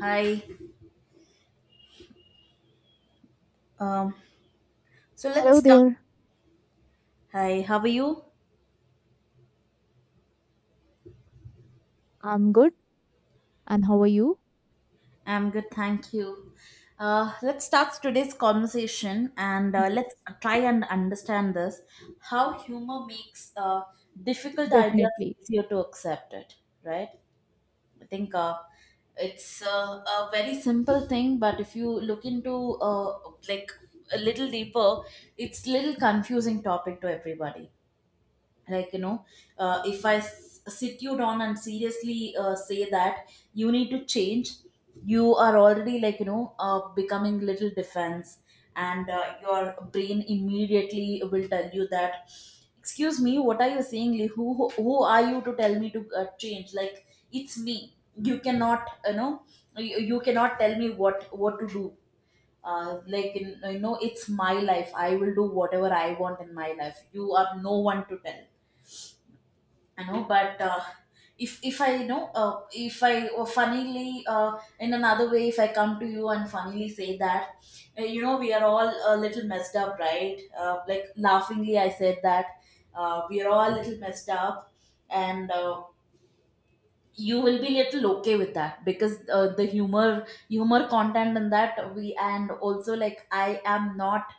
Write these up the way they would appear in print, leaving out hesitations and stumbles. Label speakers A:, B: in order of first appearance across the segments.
A: Hi. Um, so let's
B: Hello
A: start.
B: there.
A: Hi, how are you?
B: I'm good. And how are you?
A: I'm good, thank you. Let's start today's conversation, and let's
B: Yes,
A: try and understand this, how humor makes difficult ideas
B: Definitely.
A: easier to accept it, right? I think it's a very simple thing, but if you look into like a little deeper, it's little confusing topic to everybody. Like, you know, if I sit you down and seriously say that you need to change, you are already like, you know, becoming little defense, and your brain immediately will tell you that, excuse me, what are you saying, Lee? Who are you to tell me to change? Like, it's me, you cannot, you know, you cannot tell me what to do. Like, you know, it's my life, I will do whatever I want in my life. You are no one to tell. I know, but if I you know if I, or funnily in another way, if I come to you and funnily say that, we are all a little messed up, right? Like, laughingly, I said that we are all a little messed up, and you will be little okay with that, because the humor content in that we, and also, like, I am not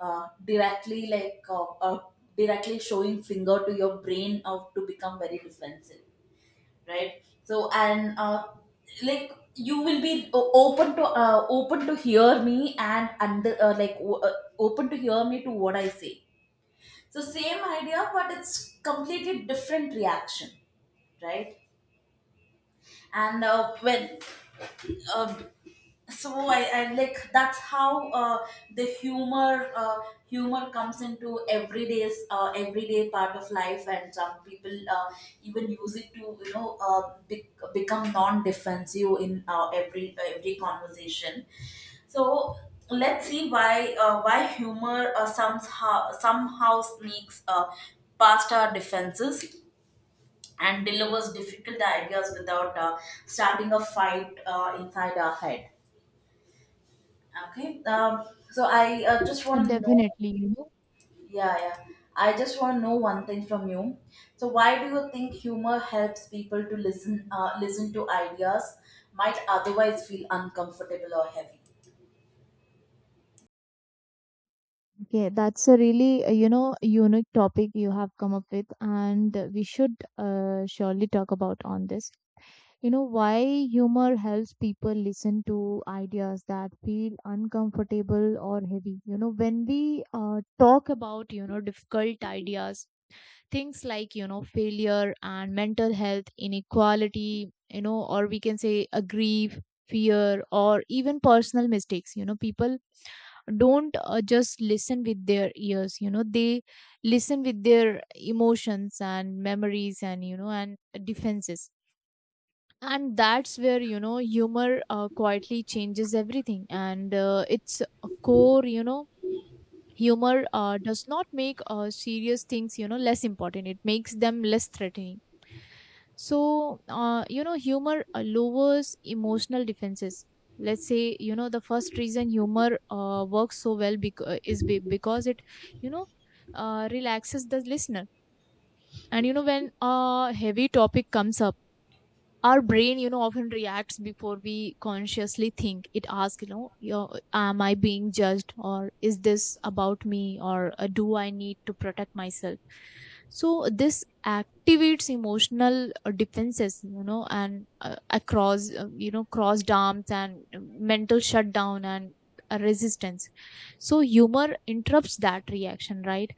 A: uh, directly like uh, uh, directly showing finger to your brain of to become very defensive, right? So, and like, you will be open to open to hear me, and under open to hear me to what I say. So, same idea, but it's completely different reaction, right? And when uh, so I like that's how the humor humor comes into everyday part of life, and some people even use it to become non-defensive in every conversation. So let's see why humor somehow sneaks past our defenses and delivers difficult ideas without starting a fight inside our head. Okay. So I just want to know.
B: Definitely,
A: Yeah, yeah, I just want to know one thing from you. So why do you think humor helps people to listen, listen to ideas might otherwise feel uncomfortable or heavy?
B: Okay, that's a really, unique topic you have come up with, and we should surely talk about on this. Why humor helps people listen to ideas that feel uncomfortable or heavy. When we talk about, difficult ideas, things like failure and mental health inequality, or we can say a grief, fear, or even personal mistakes. People don't just listen with their ears. They listen with their emotions and memories and, defenses, and that's where, humor quietly changes everything. And it's a core. Humor does not make serious things, less important. It makes them less threatening. So, humor lowers emotional defenses. Let's say, the first reason humor works so well is because it, you know, relaxes the listener. And, when a heavy topic comes up, our brain, often reacts before we consciously think. It asks, am I being judged? Or is this about me? Or do I need to protect myself? So this activates emotional defenses, and across, crossed arms and mental shutdown and resistance. So humor interrupts that reaction, right?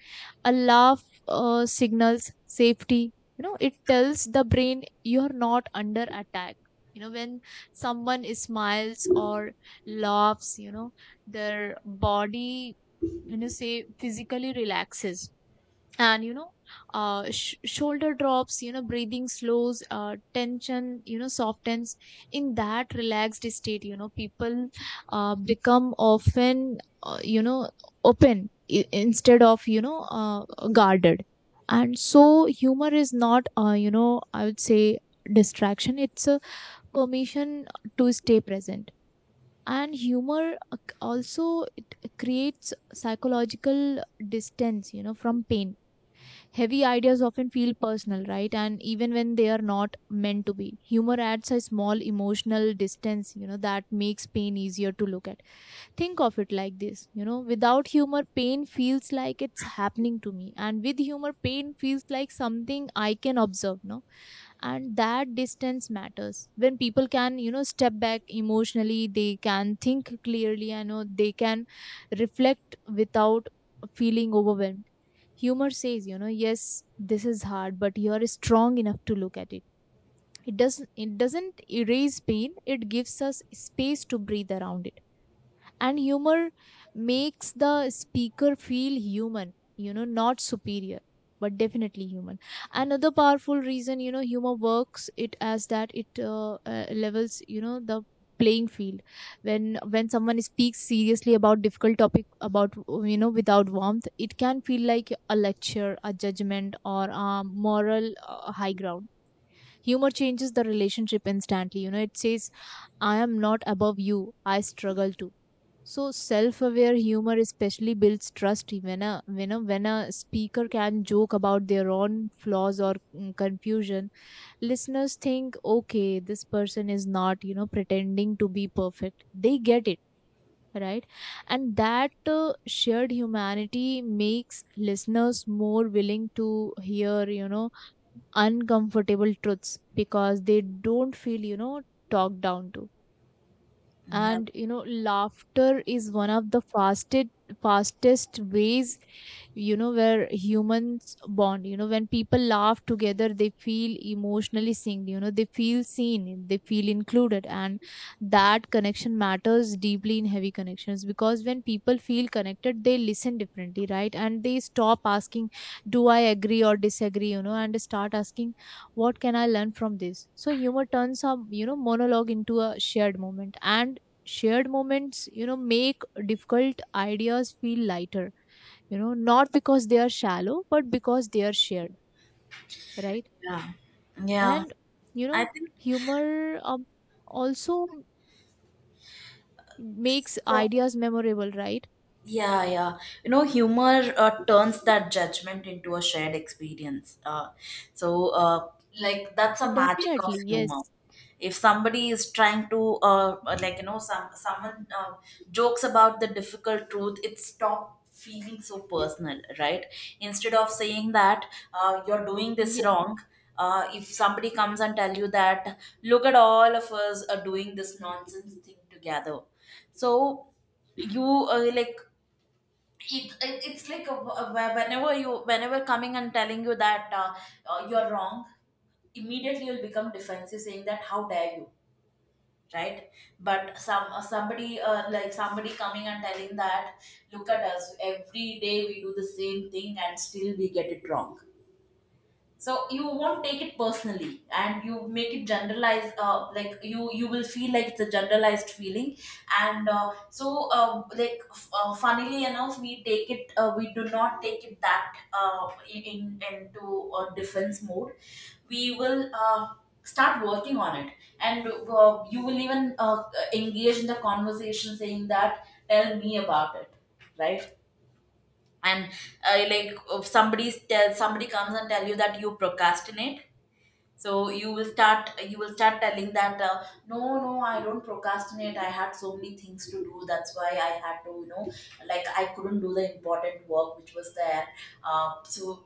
B: A laugh signals safety. It tells the brain you're not under attack. When someone smiles or laughs, their body, when you say, physically relaxes. And, shoulder drops, breathing slows, tension, softens. In that relaxed state, people become often, open instead of, guarded. And so humor is not, you know I would say distraction. It's a permission to stay present. And humor also, it creates psychological distance, from pain. Heavy ideas often feel personal, right? And even when they are not meant to be, humor adds a small emotional distance, that makes pain easier to look at. Think of it like this: without humor, pain feels like it's happening to me, and with humor, pain feels like something I can observe, no. And that distance matters. When people can, step back emotionally, they can think clearly. I know they can reflect without feeling overwhelmed. Humor says, yes, this is hard, but you are strong enough to look at it. It doesn't, it doesn't erase pain. It gives us space to breathe around it. And humor makes the speaker feel human, not superior, but definitely human. Another powerful reason, humor works, it as that it levels, the playing field. When someone speaks seriously about difficult topic about, without warmth, it can feel like a lecture, a judgment, or a moral high ground. Humor changes the relationship instantly. It says, I am not above you, I struggle too. So self-aware humor especially builds trust. When a speaker can joke about their own flaws or confusion, listeners think, okay, this person is not, pretending to be perfect. They get it, right, and that shared humanity makes listeners more willing to hear, uncomfortable truths, because they don't feel, talked down to.
A: Yeah,
B: And laughter is one of the fastest ways, where humans bond. When people laugh together, they feel emotionally seen. They feel seen, they feel included, and that connection matters deeply in heavy connections, because when people feel connected, they listen differently, right? And they stop asking, do I agree or disagree? And start asking, what can I learn from this? So humor turns a, monologue into a shared moment, and shared moments, make difficult ideas feel lighter, not because they are shallow, but because they are shared, right?
A: yeah, yeah.
B: And, you
A: I
B: know
A: think.
B: humor also makes
A: So.
B: ideas memorable, right?
A: Yeah, yeah. You know, humor turns that judgment into a shared experience. So, like, that's a magic of
B: Definitely,
A: humor.
B: yes.
A: If somebody is trying to, like, you know, someone jokes about the difficult truth, it stops feeling so personal, right? Instead of saying that you're doing this
B: Yes,
A: wrong, if somebody comes and tell you that, look, at all of us are doing this nonsense thing together. So, you like, it's like a, whenever you, whenever coming and telling you that you're wrong, immediately you'll become defensive saying that, how dare you, right? But somebody like somebody coming and telling that, look at us, every day we do the same thing and still we get it wrong. So you won't take it personally, and you make it generalized. Like, you will feel like it's a generalized feeling. And so, like, funnily enough, we take it, we do not take it that into a defense mode. We will start working on it. And you will even engage in the conversation saying that, tell me about it, right? And like, if somebody comes and tell you that you procrastinate, so you will start, you will start telling that, no, no, I don't procrastinate, I had so many things to do, that's why I had to, you know, like, I couldn't do the important work which was there. So,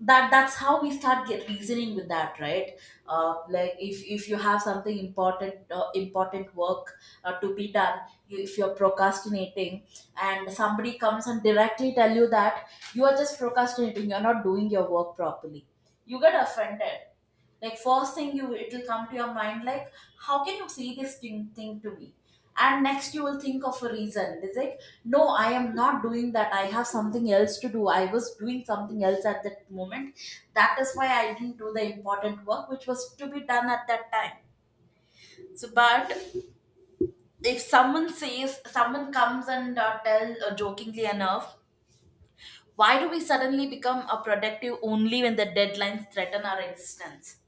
A: that, that's how we start get reasoning with that, right? Like, if you have something important, important work to be done, you, if you're procrastinating, and somebody comes and directly tell you that you are just procrastinating, you're not doing your work properly, you get offended. Like, first thing you, it'll come to your mind, like, how can you say this thing to me? And next you will think of a reason. It's like, no, I am not doing that, I have something else to do, I was doing something else at that moment, that is why I didn't do the important work which was to be done at that time. So, but if someone says, someone comes and tell jokingly enough, why do we suddenly become a productive only when the deadlines threaten our existence?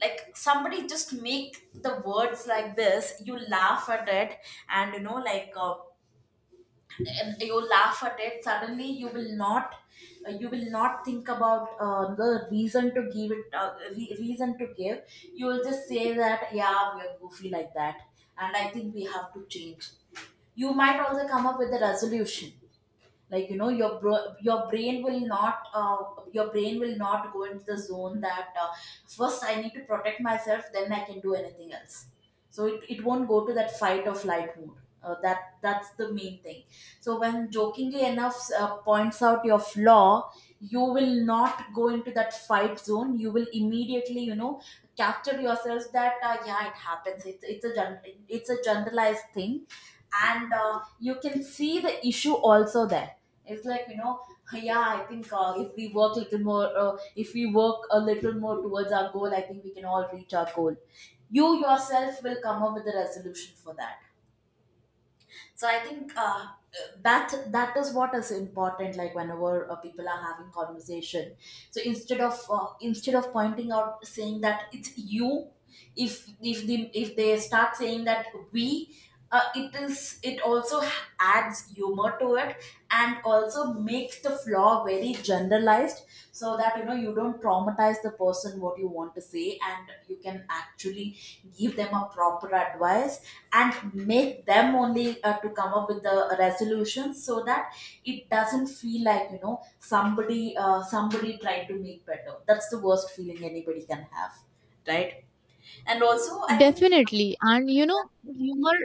A: Like, somebody just make the words like this, you laugh at it, and you know like uh, and you laugh at it, suddenly you will not, you will not think about the reason to give it, reason to give. You will just say that, yeah, we are goofy like that, and I think we have to change. You might also come up with a resolution. Like, you know, your your brain will not your brain will not go into the zone that first I need to protect myself, then I can do anything else. So it won't go to that fight or flight mode. That, that's the main thing. So when jokingly enough points out your flaw, you will not go into that fight zone, you will immediately, you know, capture yourself that, yeah, it happens, it's a generalized thing. And you can see the issue also there. It's like, you know, yeah, I think if we work a little more if we work a little more towards our goal, I think we can all reach our goal. You yourself will come up with a resolution for that. So I think that, that is what is important. Like, whenever people are having conversation, so instead of pointing out saying that it's you, if the if they start saying that we, it is, it also adds humor to it, and also makes the flaw very generalized, so that, you know, you don't traumatize the person what you want to say, and you can actually give them a proper advice and make them only to come up with the resolution, so that it doesn't feel like, you know, somebody, somebody tried to make better. That's the worst feeling anybody can have, right? And also I think,
B: definitely. And you know, humor,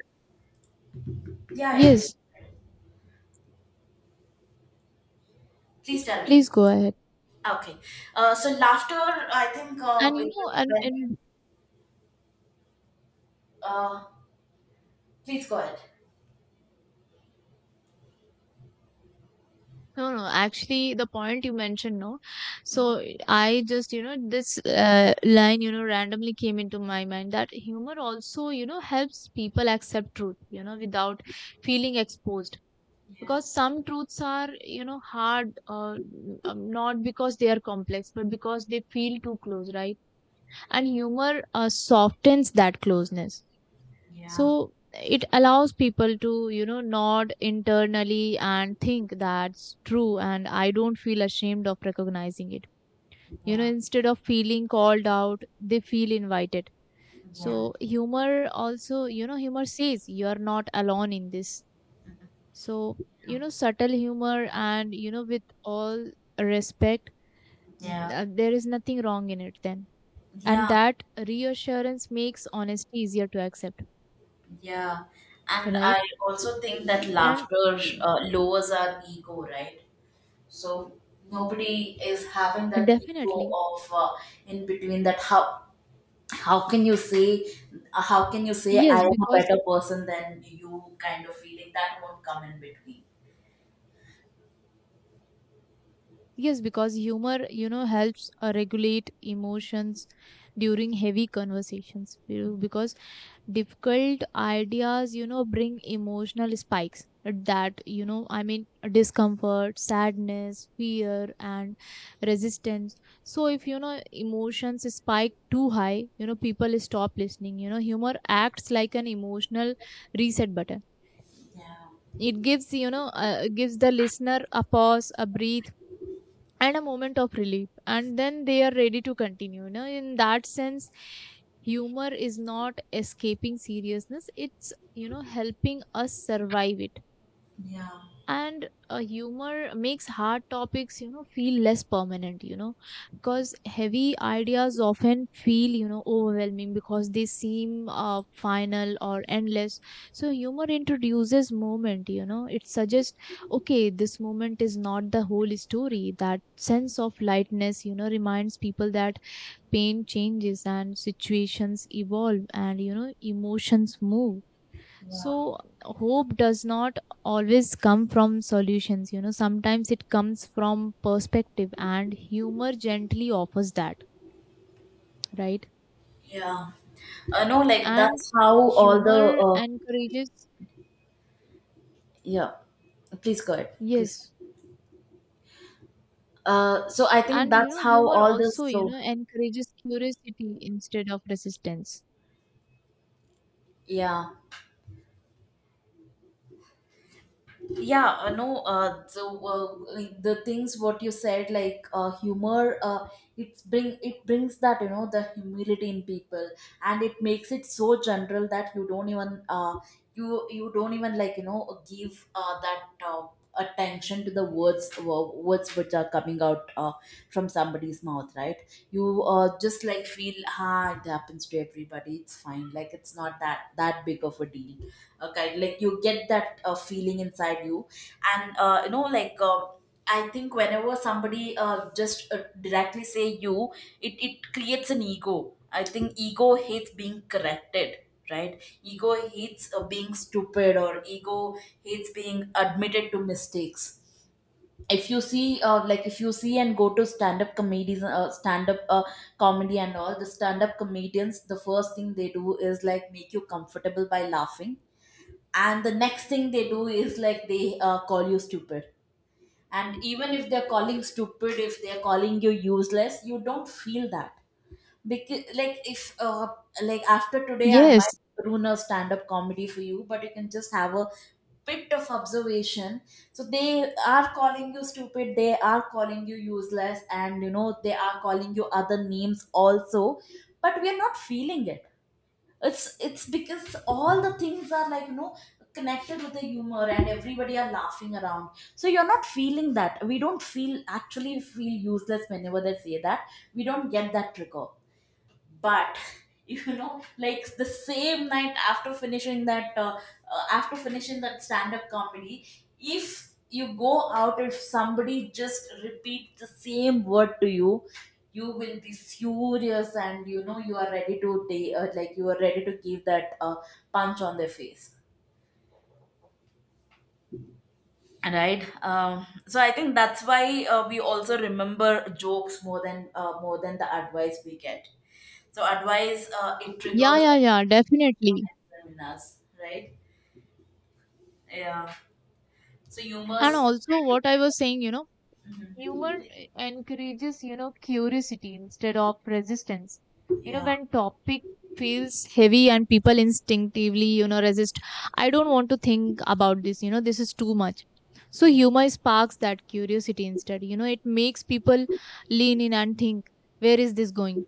A: yeah, yeah, please.
B: yes,
A: Please tell me.
B: please go ahead.
A: Okay. So laughter, I think
B: And you know,
A: when-
B: and
A: uh, please go ahead.
B: no, no, actually, the point you mentioned, no. So I just, you know, this line, you know, randomly came into my mind that humor also, you know, helps people accept truth, you know, without feeling exposed.
A: Yeah,
B: Because some truths are, you know, hard, not because they are complex, but because they feel too close, right? And humor softens that closeness.
A: yeah,
B: So it allows people to, you know, nod internally and think, that's true, and I don't feel ashamed of recognizing it. You know,
A: yeah.
B: instead of feeling called out, they feel invited.
A: Yeah,
B: So humor also, you know, humor says, you are not alone in this. So, you know, subtle humor and, you know, with all respect,
A: yeah,
B: there is nothing wrong in it then. And
A: yeah,
B: that reassurance makes honesty easier to accept,
A: yeah. And I
B: right?
A: also think that
B: And
A: laughter lowers our ego, right? So nobody is having that ego
B: definitely.
A: of in between that, how can you say, how can you say I
B: Yes,
A: am a
B: because
A: better person than you kind of feeling, that won't come in between.
B: yes, because humor, you know, helps regulate emotions during heavy conversations because difficult ideas, you know, bring emotional spikes that, you know, I mean, discomfort, sadness, fear, and resistance. So if, you know, emotions spike too high, you know, people stop listening. You know, humor acts like an emotional reset button.
A: Yeah,
B: It gives, gives the listener a pause, a breathe, and a moment of relief, and then they are ready to continue. You know, in that sense, humor is not escaping seriousness, it's, you know, helping us survive it.
A: yeah,
B: And humor makes hard topics, you know, feel less permanent. You know, because heavy ideas often feel, you know, overwhelming, because they seem final or endless. So humor introduces moment. You know, it suggests, okay, this moment is not the whole story. That sense of lightness, you know, reminds people that pain changes, and situations evolve, and, you know, emotions move.
A: yeah,
B: So hope does not always come from solutions. You know, sometimes it comes from perspective, and humor gently offers that, right?
A: yeah. No, like,
B: And
A: that's how all the
B: humor encourages,
A: yeah. Please go ahead, please.
B: yes,
A: So I think
B: and you
A: that's
B: know,
A: how
B: humor
A: all this.
B: also, you
A: So
B: know, encourages curiosity instead of resistance.
A: yeah, yeah no so like, the things what you said, like, humor, it brings that, you know, the humility in people. And it makes it so general that you don't even you, you don't even, like, you know, give that attention to the words, words which are coming out from somebody's mouth, right? You just, like, feel, ah, it happens to everybody, it's fine, like, it's not that big of a deal, okay? Like, you get that feeling inside you. And I think whenever somebody just directly say you, it creates an ego. I think ego hates being corrected, right? Ego hates being stupid, or ego hates being admitted to mistakes. If you see like, if you see and go to stand up comedies, stand up comedy, and all the stand up comedians, the first thing they do is, like, make you comfortable by laughing, and the next thing they do is, like, they call you stupid. And even if they're calling stupid, if they're calling you useless, you don't feel that, because, like, if like, after today I
B: Yes,
A: might ruin a stand-up comedy for you, but you can just have a bit of observation. So they are calling you stupid, they are calling you useless, and you know, they are calling you other names also, but we are not feeling it. It's because all the things are, like, you know, connected with the humor, and everybody are laughing around, so you're not feeling that. We don't feel, actually feel useless whenever they say that. We don't get that trigger. But you know, like the same night, after finishing that stand up comedy, if you go out, if somebody just repeats the same word to you, you will be furious, and you know you are ready to take, like you are ready to give that punch on their face. Right. So I think that's why, we also remember jokes more than the advice we get. So advice, it
B: yeah,
A: triggers
B: yeah, yeah, definitely.
A: criminals, right? Yeah. So
B: And
A: humor's.
B: also, what I was saying, you know,
A: Mhm.
B: humor encourages, you know, curiosity instead of resistance. You know,
A: Yeah.
B: when topic feels heavy and people instinctively, you know, resist, I don't want to think about this, you know, this is too much. So
A: Yeah.
B: humor sparks that curiosity instead. You know, it makes people lean in and think, where is this going?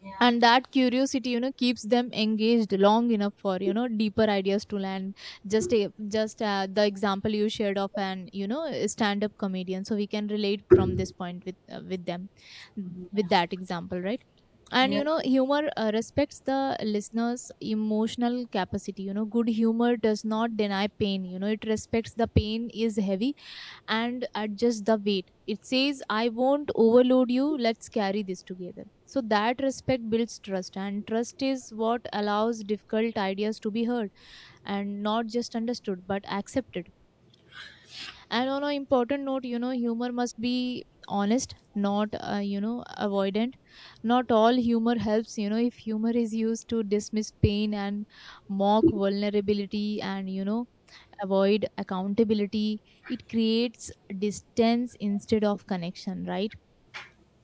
A: Yeah, yeah,
B: And that curiosity, you know, keeps them engaged long enough for, you know, deeper ideas to land. Just the example you shared of an, you know, stand up comedian, so we can relate from this point with them, with that example, right? And
A: yeah,
B: you know, humor respects the listener's emotional capacity. You know, good humor does not deny pain. You know, it respects the pain is heavy and adjust the weight. It says, I won't overload you, let's carry this together. So that respect builds trust, and trust is what allows difficult ideas to be heard, and not just understood but accepted. And on an important note, you know, humor must be honest, not, you know, avoidant. Not all humor helps. You know, if humor is used to dismiss pain and mock vulnerability and, you know, avoid accountability, it creates distance instead of connection, right?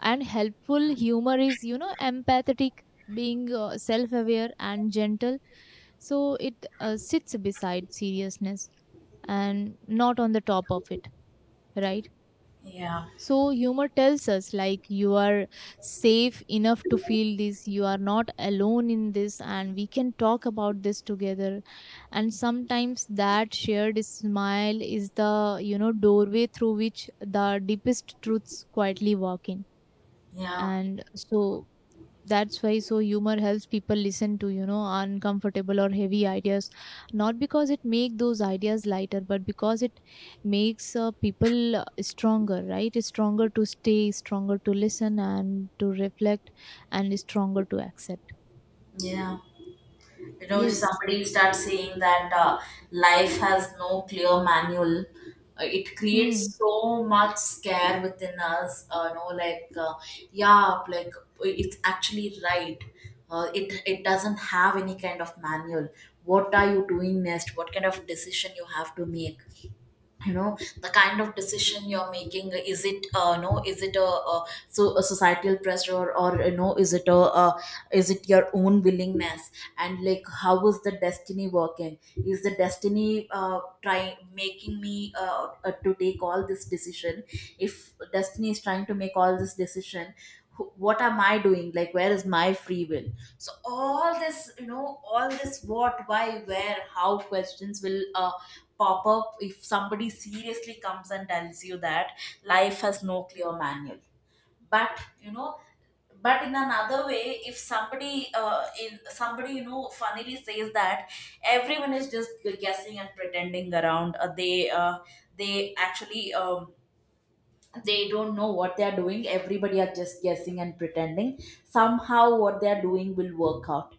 B: And helpful humor is, you know, empathetic, being self aware and gentle. So it sits beside seriousness and not on the top of it, right?
A: yeah,
B: So humor tells us like, you are safe enough to feel this, you are not alone in this, and we can talk about this together. And sometimes that shared smile is the, you know, doorway through which the deepest truths quietly walk in.
A: yeah,
B: And so that's why, so humor helps people listen to, you know, uncomfortable or heavy ideas, not because it make those ideas lighter, but because it makes people stronger, right? Stronger to stay, stronger to listen, and to reflect, and stronger to accept.
A: yeah. You know, if
B: Yes.
A: somebody starts saying that, life has no clear manual, it
B: Hmm.
A: creates so much scare within us. You know, like, yeah, like it's actually right. It doesn't have any kind of manual. What are you doing next? What kind of decision you have to make? You know, the kind of decision you're making, is it no, is it a societal pressure, or you know, is it is it your own willingness, and like how is the destiny working? Is the destiny trying making me to take all this decision? If destiny is trying to make all this decision, what am I doing? Like, where is my free will? So all this, you know, all this what, why, where, how questions will pop up if somebody seriously comes and tells you that life has no clear manual. But you know, but in another way, if somebody, in somebody, you know, funnily says that everyone is just guessing and pretending around, they, they actually, they don't know what they are doing. Everybody are just guessing and pretending somehow what they are doing will work out.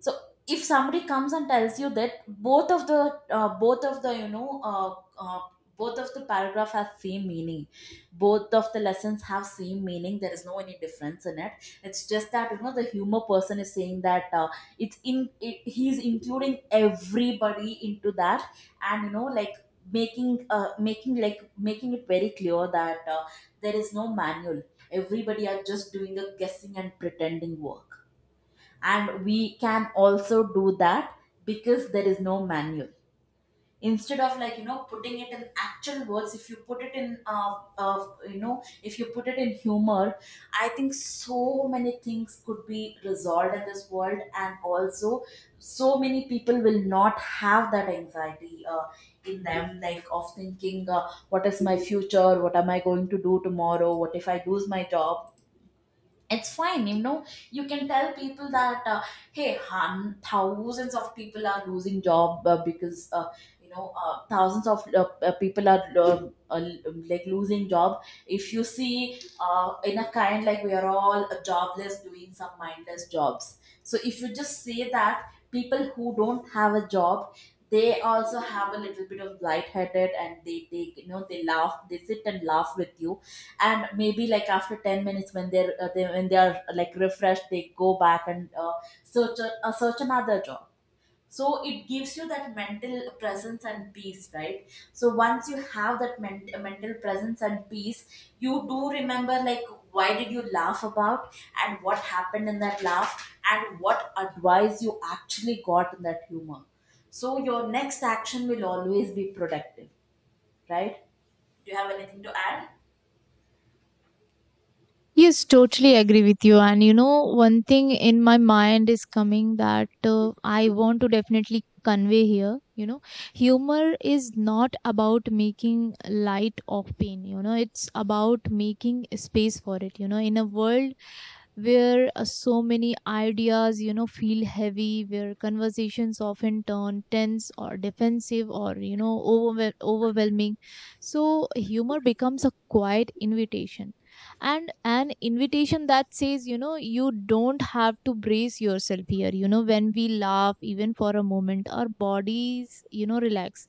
A: So if somebody comes and tells you that both of the you know both of the paragraph have same meaning, both of the lessons have same meaning, there is no any difference in it. It's just that, you know, the humor person is saying that, it's in it, he's including everybody into that, and you know, like, making it very clear that, there is no manual, everybody are just doing a guessing and pretending work, and we can also do that because there is no manual. Instead of, like, you know, putting it in actual words, if you put it in if you put it in humor, I think so many things could be resolved in this world, and also so many people will not have that anxiety, in them, like of thinking, what is my future, what am I going to do tomorrow, what if I lose my job? It's fine, you know. You can tell people that, hey hun, thousands of people are losing job because, thousands of, people are, like losing job. If you see, in a kind, like we are all jobless doing some mindless jobs, so if you just say that people who don't have a job, they also have a little bit of lightheaded, and they take, you know, they laugh, they sit and laugh with you. And maybe, like, after 10 minutes when they are, like, refreshed, they go back and search another job. So it gives you that mental presence and peace, right? So once you have that mental presence and peace, you do remember, like, why did you laugh about, and what happened in that laugh, and what advice you actually got in that humor. So your next action will always be productive, right? Do you have anything to add?
B: Yes, totally agree with you. And you know, one thing in my mind is coming that I want to definitely convey here. You know, humor is not about making light of pain. You know, it's about making space for it. You know, in a world where so many ideas, you know, feel heavy, where conversations often turn tense or defensive or, you know, overwhelming. So humor becomes a quiet invitation and an invitation that says, you know, you don't have to brace yourself here. You know, when we laugh even for a moment, our bodies, you know, relax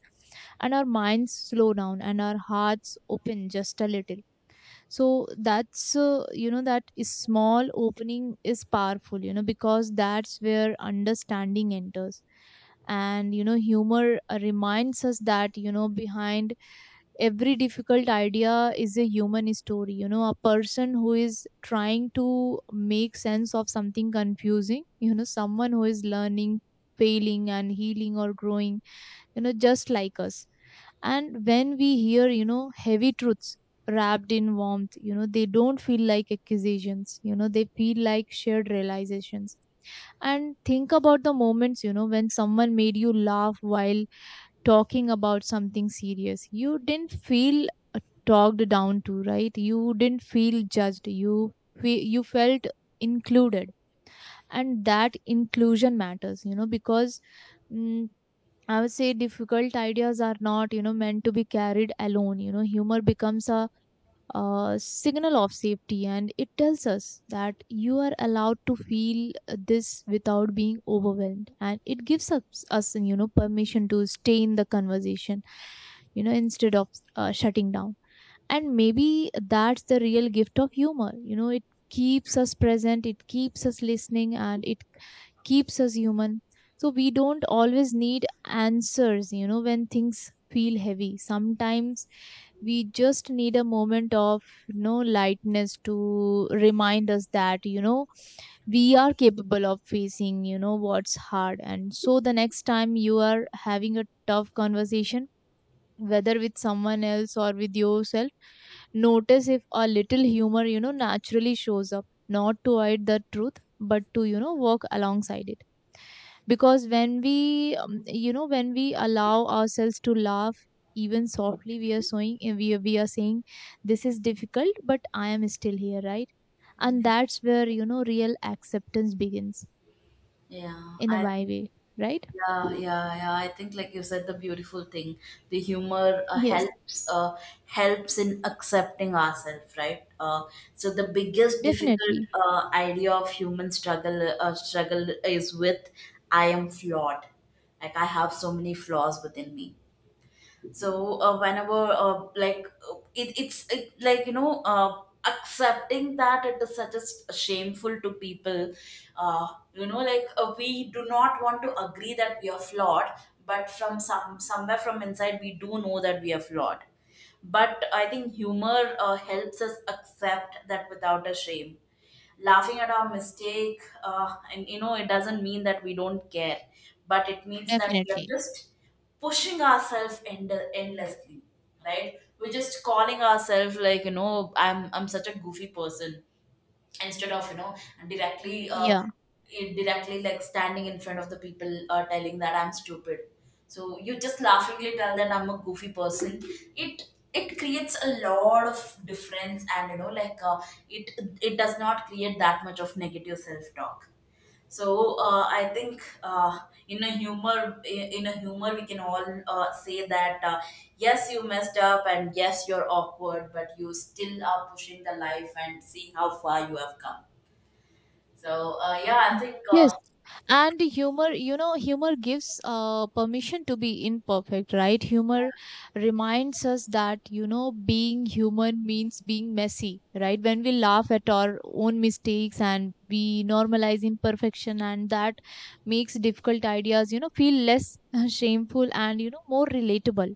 B: and our minds slow down and our hearts open just a little. So that's you know that is small opening is powerful, you know, because that's where understanding enters. And you know, humor reminds us that, you know, behind every difficult idea is a human story, you know, a person who is trying to make sense of something confusing, you know, someone who is learning, failing and healing or growing, you know, just like us. And when we hear, you know, heavy truths wrapped in warmth, you know, they don't feel like accusations, you know, they feel like shared realizations. And think about the moments, you know, when someone made you laugh while talking about something serious. You didn't feel talked down to, right? You didn't feel judged. You you felt included, and that inclusion matters, you know, because mm, I would say difficult ideas are not, you know, meant to be carried alone. You know, humor becomes a, signal of safety, and it tells us that you are allowed to feel this without being overwhelmed, and it gives us you know, permission to stay in the conversation, you know, instead of shutting down. And maybe that's the real gift of humor, you know, it keeps us present, it keeps us listening, and it keeps us human. So we don't always need answers, you know, when things feel heavy, sometimes we just need a moment of, you know, lightness to remind us that, you know, we are capable of facing, you know, what's hard. And so the next time you are having a tough conversation, whether with someone else or with yourself, notice if a little humor, you know, naturally shows up, not to hide the truth but to, you know, work alongside it. Because when we you know, when we allow ourselves to laugh, even softly, we are showing, we are saying, this is difficult but I am still here, right? And that's where, you know, real acceptance begins
A: Yeah,
B: in
A: I
B: a why
A: think.
B: way, right?
A: Yeah, yeah, yeah. I think, like you said, the beautiful thing, the humor
B: Yes,
A: helps, helps in accepting ourselves, right? So the biggest difficult
B: definitely.
A: idea of human struggle is with: I am flawed. Like I have so many flaws within me. So, whenever, like, like you know, accepting that, it is such a shameful to people. uh, you know, like, we do not want to agree that we are flawed, but from somewhere from inside we do know that we are flawed. But I think humor helps us accept that without a shame. Laughing at our mistake, and you know it doesn't mean that we don't care, but it means that we are
B: Definitely.
A: just pushing ourselves endlessly, right? We're just calling ourselves, like, you know, I'm such a goofy person, instead of, you know, directly uh,
B: Yeah.
A: directly, like, standing in front of the people, telling that I'm stupid. So you just laughingly tell that I'm a goofy person. It creates a lot of difference, and you know, like, it it does not create that much of negative self talk. So, I think, in a humor we can all, say that, yes you messed up, and yes you're awkward, but you still are pushing the life and see how far you have come. So, yeah, I think.
B: Yes. And humor, you know, humor gives permission to be imperfect, right? Humor reminds us that, you know, being human means being messy, right? When we laugh at our own mistakes and we normalize imperfection, and that makes difficult ideas, you know, feel less shameful and, you know, more relatable.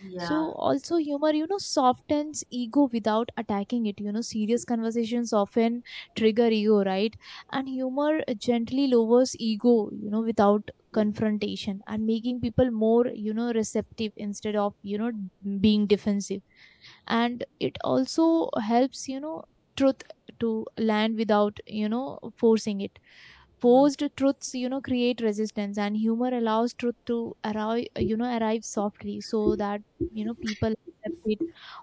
A: Yeah,
B: So also humor, you know, softens ego without attacking it. You know, serious conversations often trigger ego, right? And humor gently lowers ego, you know, without confrontation and making people more, you know, receptive instead of, you know, being defensive. And it also helps, you know, truth to land without, you know, forcing it.
A: yeah,
B: Posed truths, you know, create resistance, and humor allows truth to arrive, you know, arrive softly so that, you know, people accept it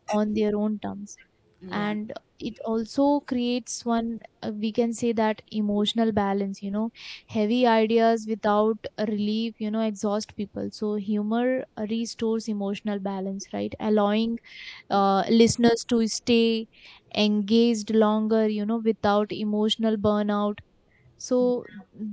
B: on their own terms.
A: yeah,
B: And it also creates one, we can say that emotional balance, you know, heavy ideas without relief, you know, exhaust people. So humor restores emotional balance, right? Allowing listeners to stay engaged longer, you know, without emotional burnout. So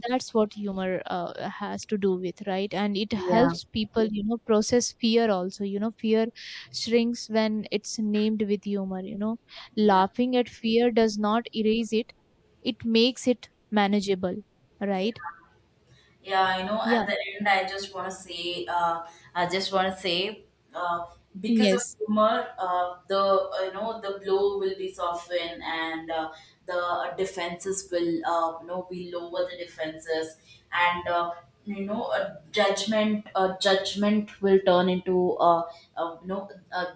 B: that's what humor has to do with, right? And it
A: yeah,
B: helps people, you know, process fear also. You know, fear shrinks when it's named with humor, you know, laughing at fear does not erase it, it makes it manageable,
A: yeah.
B: right?
A: Yeah, you know,
B: Yeah,
A: at the end, I just want to say, uh, because of
B: yes,
A: humor, the, you know, the blow will be softened, and, the defenses will, you know, we lower the defenses, and, you know, a judgment will turn into, uh, you know uh,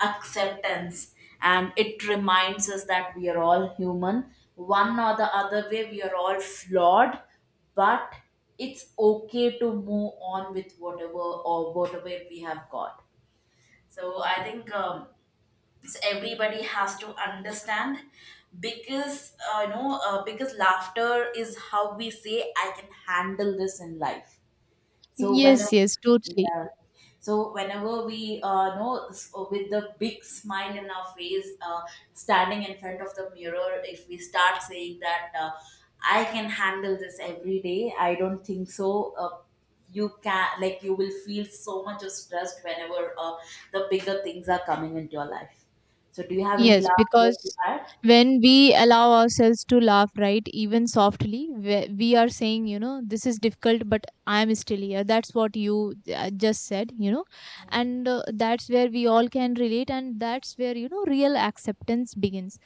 A: acceptance, and it reminds us that we are all human. One or the other way, we are all flawed, but it's okay to move on with whatever, or whatever we have got. So I think, everybody has to understand, because, you know, because laughter is how we say I can handle this in life. So when.
B: yes, yes, totally.
A: Yeah. So whenever we, know, with the big smile in our face, standing in front of the mirror, if we start saying that, I can handle this every day, I don't think so. You can, like, you will feel so much of stress whenever, the bigger things are coming into your life. So do you have any
B: Yes,
A: last word to
B: because
A: add?
B: when we allow ourselves to laugh, right, even softly, we are saying, you know, this is difficult, but I'm still here. That's what you just said, you know, and that's where we all can relate, and that's where, you know, real acceptance begins.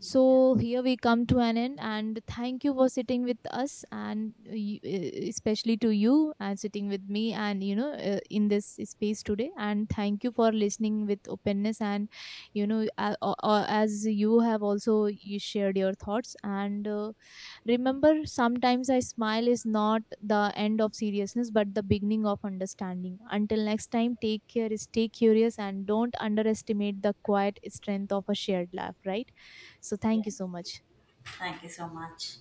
B: So here we come to an end, and thank you for sitting with us, and especially to you and sitting with me, and you know, in this space today. And thank you for listening with openness, and you know, as you have also you shared your thoughts, and remember, sometimes a smile is not the end of seriousness but the beginning of understanding. Until next time, take care, stay curious, and don't underestimate the quiet strength of a shared laugh, right? So,
A: Yeah.
B: thank you so much.
A: Thank you so much.